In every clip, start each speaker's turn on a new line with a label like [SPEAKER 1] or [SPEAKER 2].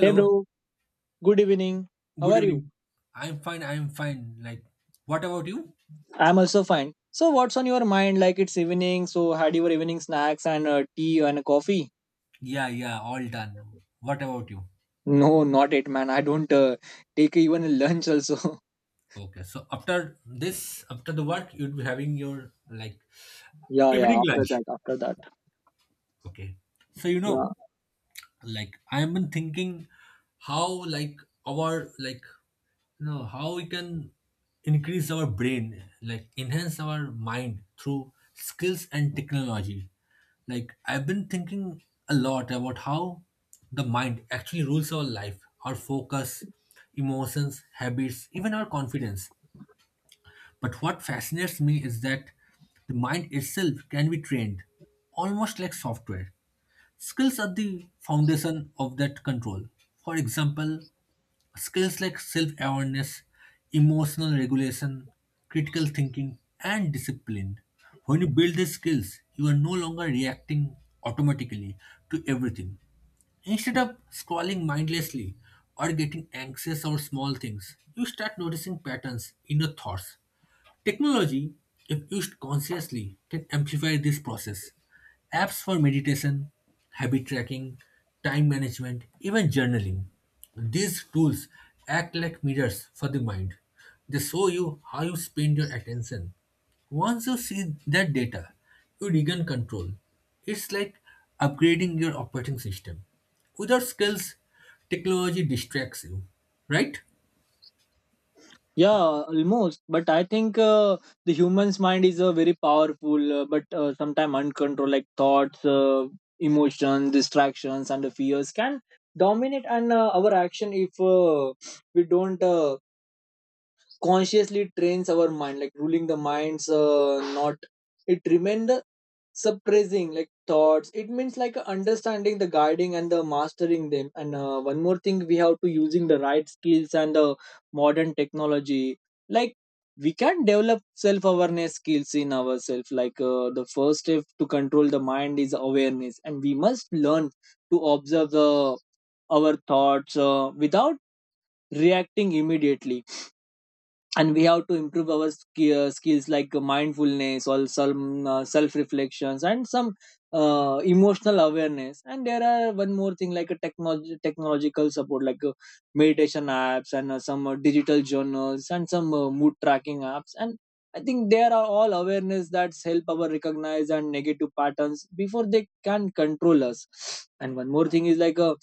[SPEAKER 1] Hey bro, good evening. How
[SPEAKER 2] good
[SPEAKER 1] are you?
[SPEAKER 2] evening. I'm fine, I'm fine. Like, what about you?
[SPEAKER 1] I'm also fine. So what's on your mind? Like it's evening, so had your evening snacks and tea and coffee?
[SPEAKER 2] Yeah, yeah, all done. What about you?
[SPEAKER 1] No, not it, man. I don't. Take even lunch also.
[SPEAKER 2] Okay, so after this, after the work, you'll be having your like
[SPEAKER 1] Yeah, yeah.
[SPEAKER 2] evening
[SPEAKER 1] After
[SPEAKER 2] lunch.
[SPEAKER 1] that, after that.
[SPEAKER 2] Okay. So,
[SPEAKER 1] Yeah,
[SPEAKER 2] like, I've been thinking how like our like No, how we can increase our brain, like, enhance our mind through skills and technology. Like, I've been thinking a lot about how the mind actually rules our life, our focus, emotions, habits, even our confidence. But what fascinates me is that the mind itself can be trained, almost like software. Skills are the foundation of that control. For example, skills like self awareness, emotional regulation, critical thinking, and discipline. When you build these skills, you are no longer reacting automatically to everything. Instead of scrolling mindlessly or getting anxious over small things, you start noticing patterns in your thoughts. Technology, if used consciously, can amplify this process. Apps for meditation, habit tracking, time management, even journaling. These tools act like mirrors for the mind. They show you how you spend your attention. Once you see that data, you regain control. It's like upgrading your operating system. Without skills, technology distracts you, right?
[SPEAKER 1] yeah, almost. But I think the human's mind is very powerful, but sometimes uncontrolled, like thoughts, emotions, distractions, and the fears can dominate and our action if we don't consciously trains our mind like ruling the mind's not it remain the suppressing like thoughts, it means like understanding the guiding and the mastering them, and one more thing, we have to using the right skills and the modern technology, like we can develop self awareness skills in ourselves like the first step to control the mind is awareness and we must learn to observe the our thoughts without reacting immediately. And we have to improve our skills like mindfulness or some self reflections and some emotional awareness. And there are one more thing like a technology technological support like meditation apps and some digital journals and some mood tracking apps. And I think there are all awareness that help our recognize and negative patterns before they can control us. And one more thing is like a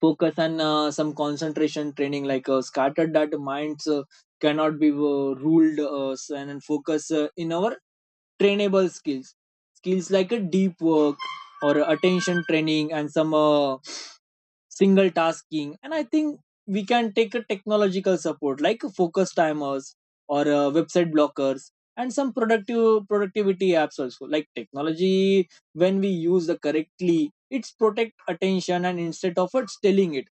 [SPEAKER 1] focus and some concentration training, like scattered that minds cannot be ruled and focus in our trainable skills like a deep work or attention training and some single tasking. And I think we can take a technological support like focus timers or website blockers and some productive productivity apps also. Like technology, when we use the correctly it's protect attention and instead of it stealing it.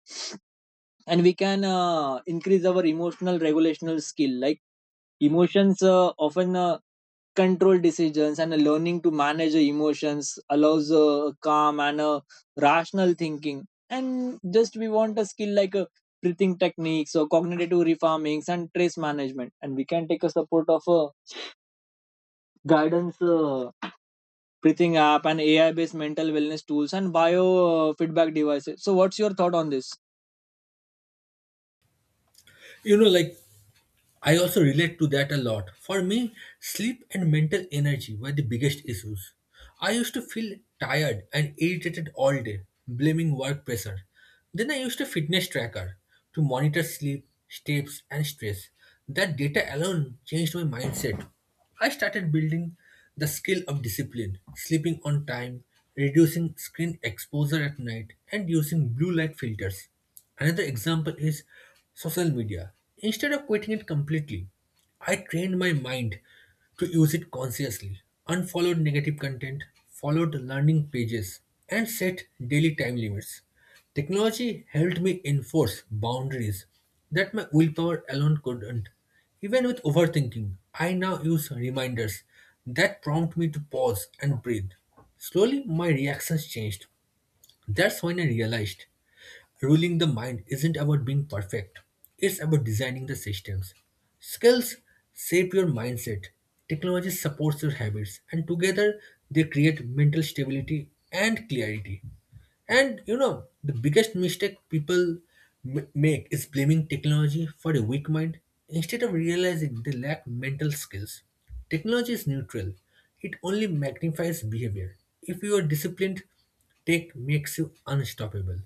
[SPEAKER 1] And we can increase our emotional regulational skill, like emotions often control decisions, and a learning to manage the emotions allows a calm and a rational thinking. And just we want a skill like a breathing techniques or cognitive reformings and stress management. And we can take a support of a guidance breathing app and ai based mental wellness tools and biofeedback devices. So what's your thought on this?
[SPEAKER 2] Like, I also relate to that a lot. For me, sleep and mental energy were the biggest issues. I used to feel tired and irritated all day, blaming work pressure. Then I used a fitness tracker to monitor sleep, steps, and stress. That data alone changed my mindset. I started building the skill of discipline, sleeping on time, reducing screen exposure at night, and using blue light filters. Another example is social media. Instead of quitting it completely, I trained my mind to use it consciously. Unfollow negative content, follow the learning pages, and set daily time limits. Technology helped me enforce boundaries that my willpower alone couldn't. Even with overthinking, I now use reminders that prompt me to pause and breathe. Slowly, my reactions changed. That's when I realized ruling the mind isn't about being perfect, it's about designing the systems. Skills shape your mindset, technology supports your habits, and together they create mental stability and clarity. And the biggest mistake people make is blaming technology for a weak mind instead of realizing they lack mental skills. Technology is neutral, it only magnifies behavior. If you are disciplined, tech makes you unstoppable.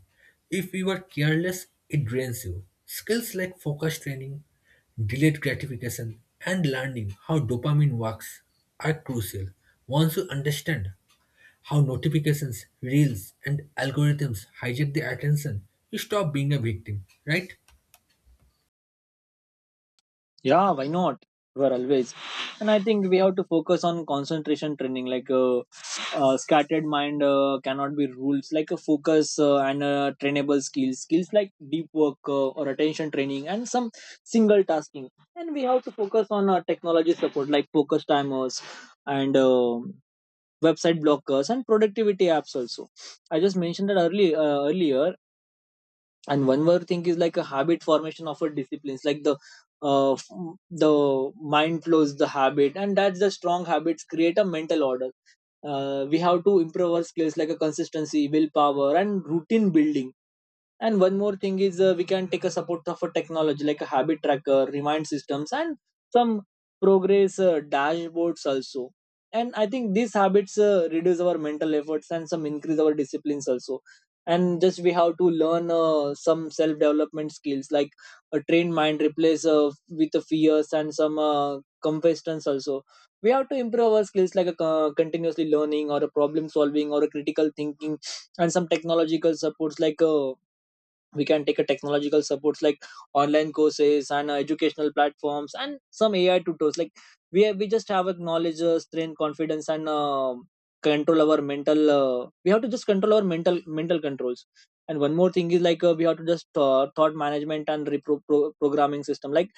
[SPEAKER 2] If you are careless, it drains you. Skills like focus training, delayed gratification, and learning how dopamine works are crucial. Once you understand how notifications, reels, and algorithms hijack the attention, you stop being a victim, right?
[SPEAKER 1] Yeah, why not? We're always. And I think we have to focus on concentration training. Like a scattered mind cannot be ruled. Like a focus and trainable skills. Skills like deep work or attention training and some single tasking. And we have to focus on technology support like focus timers and website blockers and productivity apps also. I just mentioned that earlier. And one more thing is like a habit formation of a disciplines, like the the mind flows the habit and that's the strong habits create a mental order. Uh, we have to improve our skills like a consistency willpower and routine building. And one more thing is, we can take a support of a technology like a habit tracker, remind systems, and some progress dashboards also. And I think these habits reduce our mental efforts and some increase our disciplines also. And just we have to learn some self development skills like a trained mind replace with the fears and some competence also. We have to improve our skills like a continuously learning or a problem solving or a critical thinking and some technological supports like we can take a technological supports like online courses and educational platforms and some ai tutors. Like we just have a knowledge strength confidence and control our mental. We have to just control our mental controls. And one more thing is like we have to just thought management and programming system, like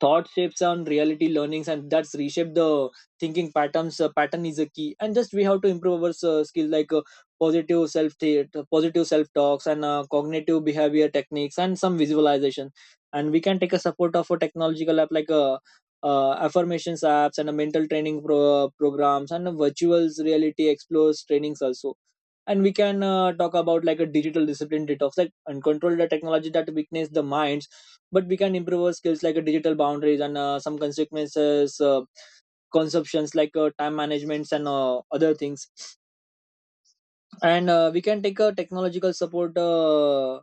[SPEAKER 1] thought shapes on reality learnings and that's reshape the thinking patterns, pattern is a key. And just we have to improve our skill like positive self positive self talks and cognitive behavior techniques and some visualization. And we can take a support of a technological app like affirmations apps and a mental training programs and a virtual reality explores trainings also. And we can talk about like a digital discipline detox like and control the technology that weakens the minds, but we can improve our skills like a digital boundaries and some consequences consumptions like time managements and other things. And we can take a technological support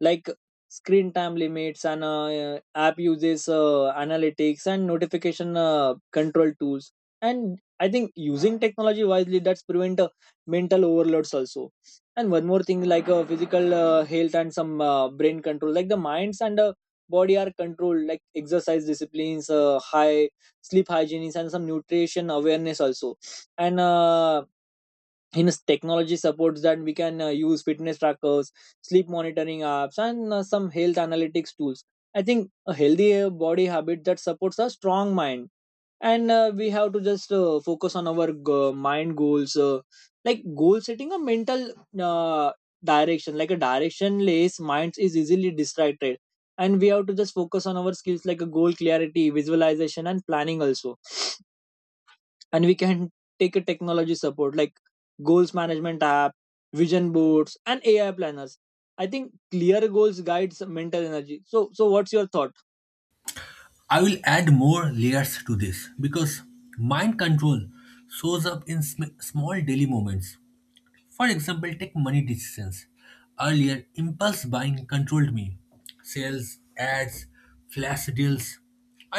[SPEAKER 1] like screen time limits and app uses analytics and notification control tools. And I think using technology wisely that's prevent mental overloads also. And one more thing like physical health and some brain control, like the minds and body are controlled, like exercise disciplines high sleep hygiene and some nutrition awareness also. And in technology supports that we can use fitness trackers, sleep monitoring apps and some health analytics tools. I think a healthy body habit that supports a strong mind. And we have to just focus on our mind goals, like goal setting a mental uh, direction, like a directionless mind is easily distracted. And we have to just focus on our skills like a goal clarity visualization and planning also. And we can take a technology support like goals management app, vision boards and ai planners. I think clear goals guides mental energy. So so what's your thought?
[SPEAKER 2] I will add more layers to this because mind control shows up in small daily moments. For example, take money decisions. Earlier, impulse buying controlled me. Sales, ads, flash deals.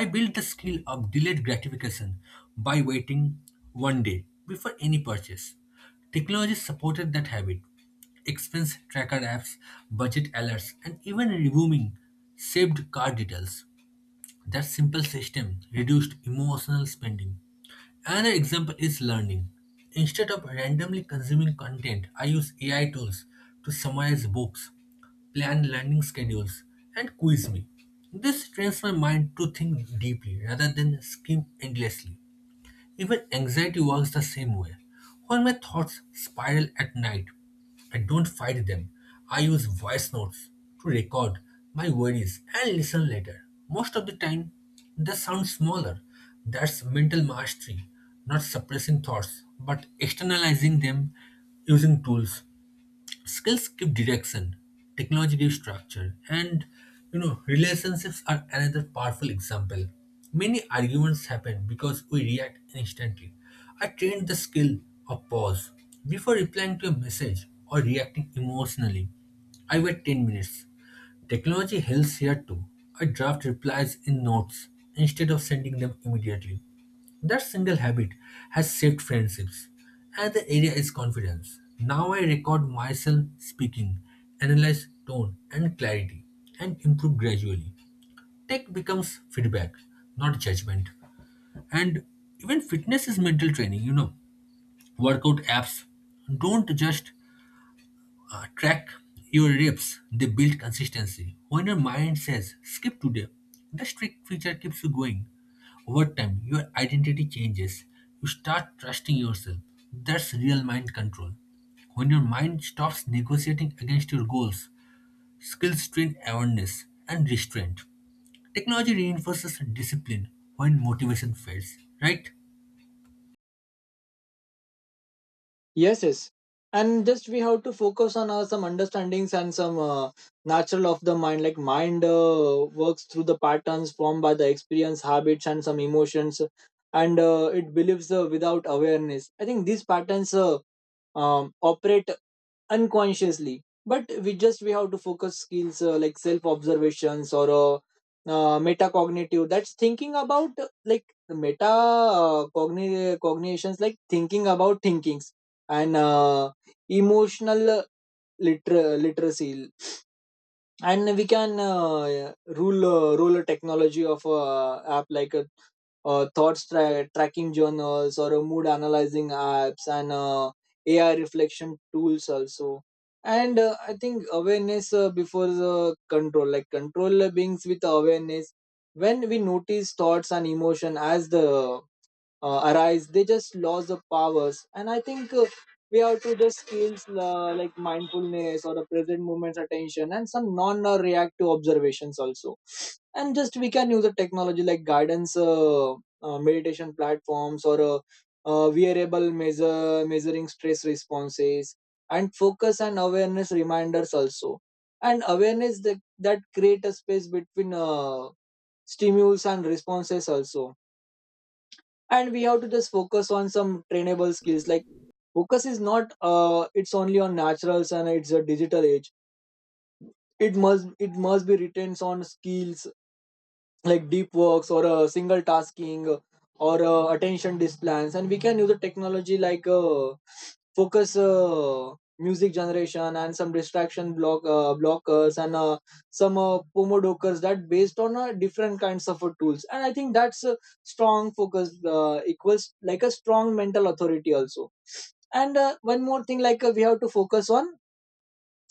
[SPEAKER 2] I built the skill of delayed gratification by waiting one day before any purchase. Technology supported that habit. Expense tracker apps, budget alerts, and even reviewing saved card details. That simple system reduced emotional spending. Another example is learning. Instead of randomly consuming content, I use AI tools to summarize books, plan learning schedules, and quiz me. This trains my mind to think deeply rather than skim endlessly. Even anxiety works the same way. When my thoughts spiral at night, I don't fight them. I use voice notes to record my worries and listen later. Most of the time, they sound smaller. That's mental mastery, not suppressing thoughts, but externalizing them using tools. Skills give direction, technology gives structure, and relationships are another powerful example. Many arguments happen because we react instantly. I trained the skill of pause. Before replying to a message or reacting emotionally, I wait 10 minutes. Technology helps here too. I draft replies in notes instead of sending them immediately. That single habit has saved friendships, and the area is confidence. Now I record myself speaking, analyze tone and clarity, and improve gradually. Tech becomes feedback, not judgment. And even fitness is mental training. Workout apps don't just track your reps, they build consistency. When your mind says, skip today, the strict feature keeps you going. Over time, your identity changes. You start trusting yourself. That's real mind control. When your mind stops negotiating against your goals, skills train awareness and restraint. Technology reinforces discipline when motivation fades, right?
[SPEAKER 1] Yes, yes. And just we have to focus on some understandings and some natural of the mind. Like mind works through the patterns formed by the experience, habits, and some emotions, and it believes without awareness. I think these patterns operate unconsciously, but we have to focus skills like self observations or metacognitive, that's thinking about like meta cognitions, like thinking about thinkings, and emotional literacy. And we can rule a technology of a app like thoughts tracking journals or a mood analyzing apps and AI reflection tools also. And I think awareness before the control, like control beings with awareness. When we notice thoughts and emotion as the arise, they just lost the powers. And I think we have to just skills like mindfulness or the present moment's attention and some non-reactive observations also. And just we can use a technology like guidance meditation platforms or wearable measure measuring stress responses and focus and awareness reminders also. And awareness that create a space between stimulus and responses also. And we have to just focus on some trainable skills, like focus is not it's only on naturals and it's a digital age, it must be retains on skills like deep works or a single tasking or attention displans. And we can use the technology like focus music generation and some distraction blockers and some pomodokers that based on different kinds of tools. And I think that's a strong focus equals like a strong mental authority also. And one more thing like we have to focus on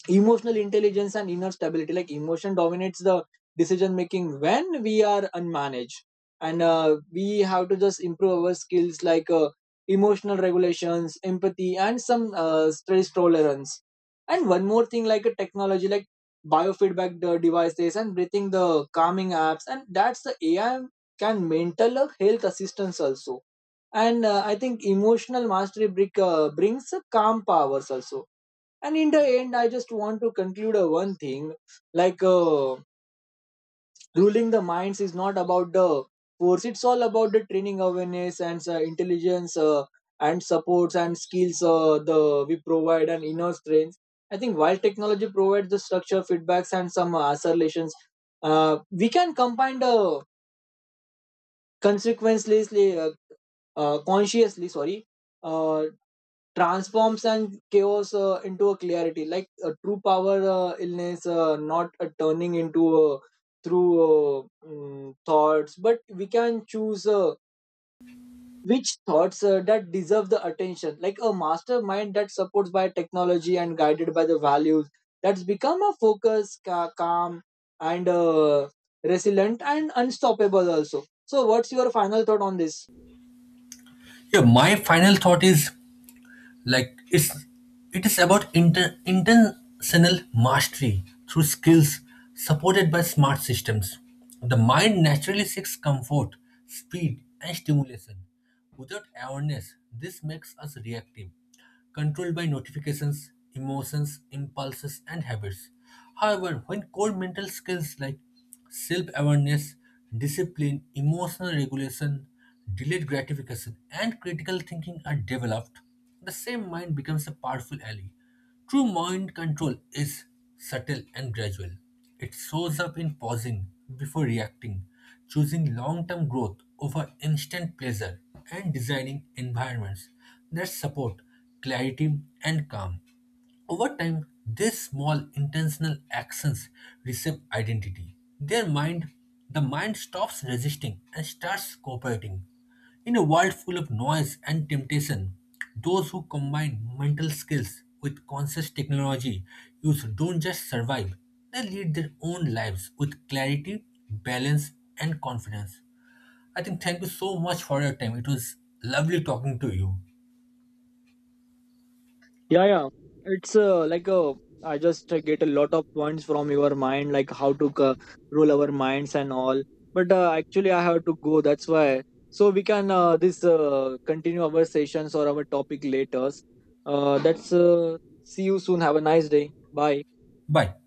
[SPEAKER 1] emotional intelligence and inner stability, like emotion dominates the decision making when we are unmanaged. And we have to just improve our skills like emotional regulations empathy and some stress tolerance. And one more thing like a technology like biofeedback devices and breathing the calming apps and that's the ai can mental health assistance also. And I think emotional mastery brings calm powers also. And in the end I just want to conclude one thing like ruling the minds is not about the force, it's all about the training awareness and intelligence and supports and skills, the we provide and inner strength. I think while technology provides the structure feedbacks and some assertions, uh, we can combine the consequently consciously sorry uh, transforms and chaos into a clarity, like a true power illness not a turning into thoughts, but we can choose which thoughts that deserve the attention, like a mastermind that supports by technology and guided by the values, that's become a focus calm and resilient and unstoppable also. So what's your final thought on this?
[SPEAKER 2] Yeah, my final thought is, like, it is about intentional mastery through skills supported by smart systems. The mind naturally seeks comfort, speed, and stimulation. Without awareness, this makes us reactive, controlled by notifications, emotions, impulses, and habits. However, when core mental skills like self awareness, discipline, emotional regulation, delayed gratification, and critical thinking are developed, the same mind becomes a powerful ally. True mind control is subtle and gradual. It shows up in pausing before reacting, choosing long term growth over instant pleasure, and designing environments that support clarity and calm. Over time, these small intentional actions reshape identity. The mind stops resisting and starts cooperating. In a world full of noise and temptation, those who combine mental skills with conscious technology use don't just survive, they lead their own lives with clarity, balance, and confidence. I think thank you so much for your time. It was lovely talking to you.
[SPEAKER 1] Yeah, yeah. It's I just get a lot of points from your mind, like how to rule our minds and all. But actually I have to go, that's why. So we can this continue our sessions or our topic later, that's see you soon, have a nice day, bye.
[SPEAKER 2] Bye.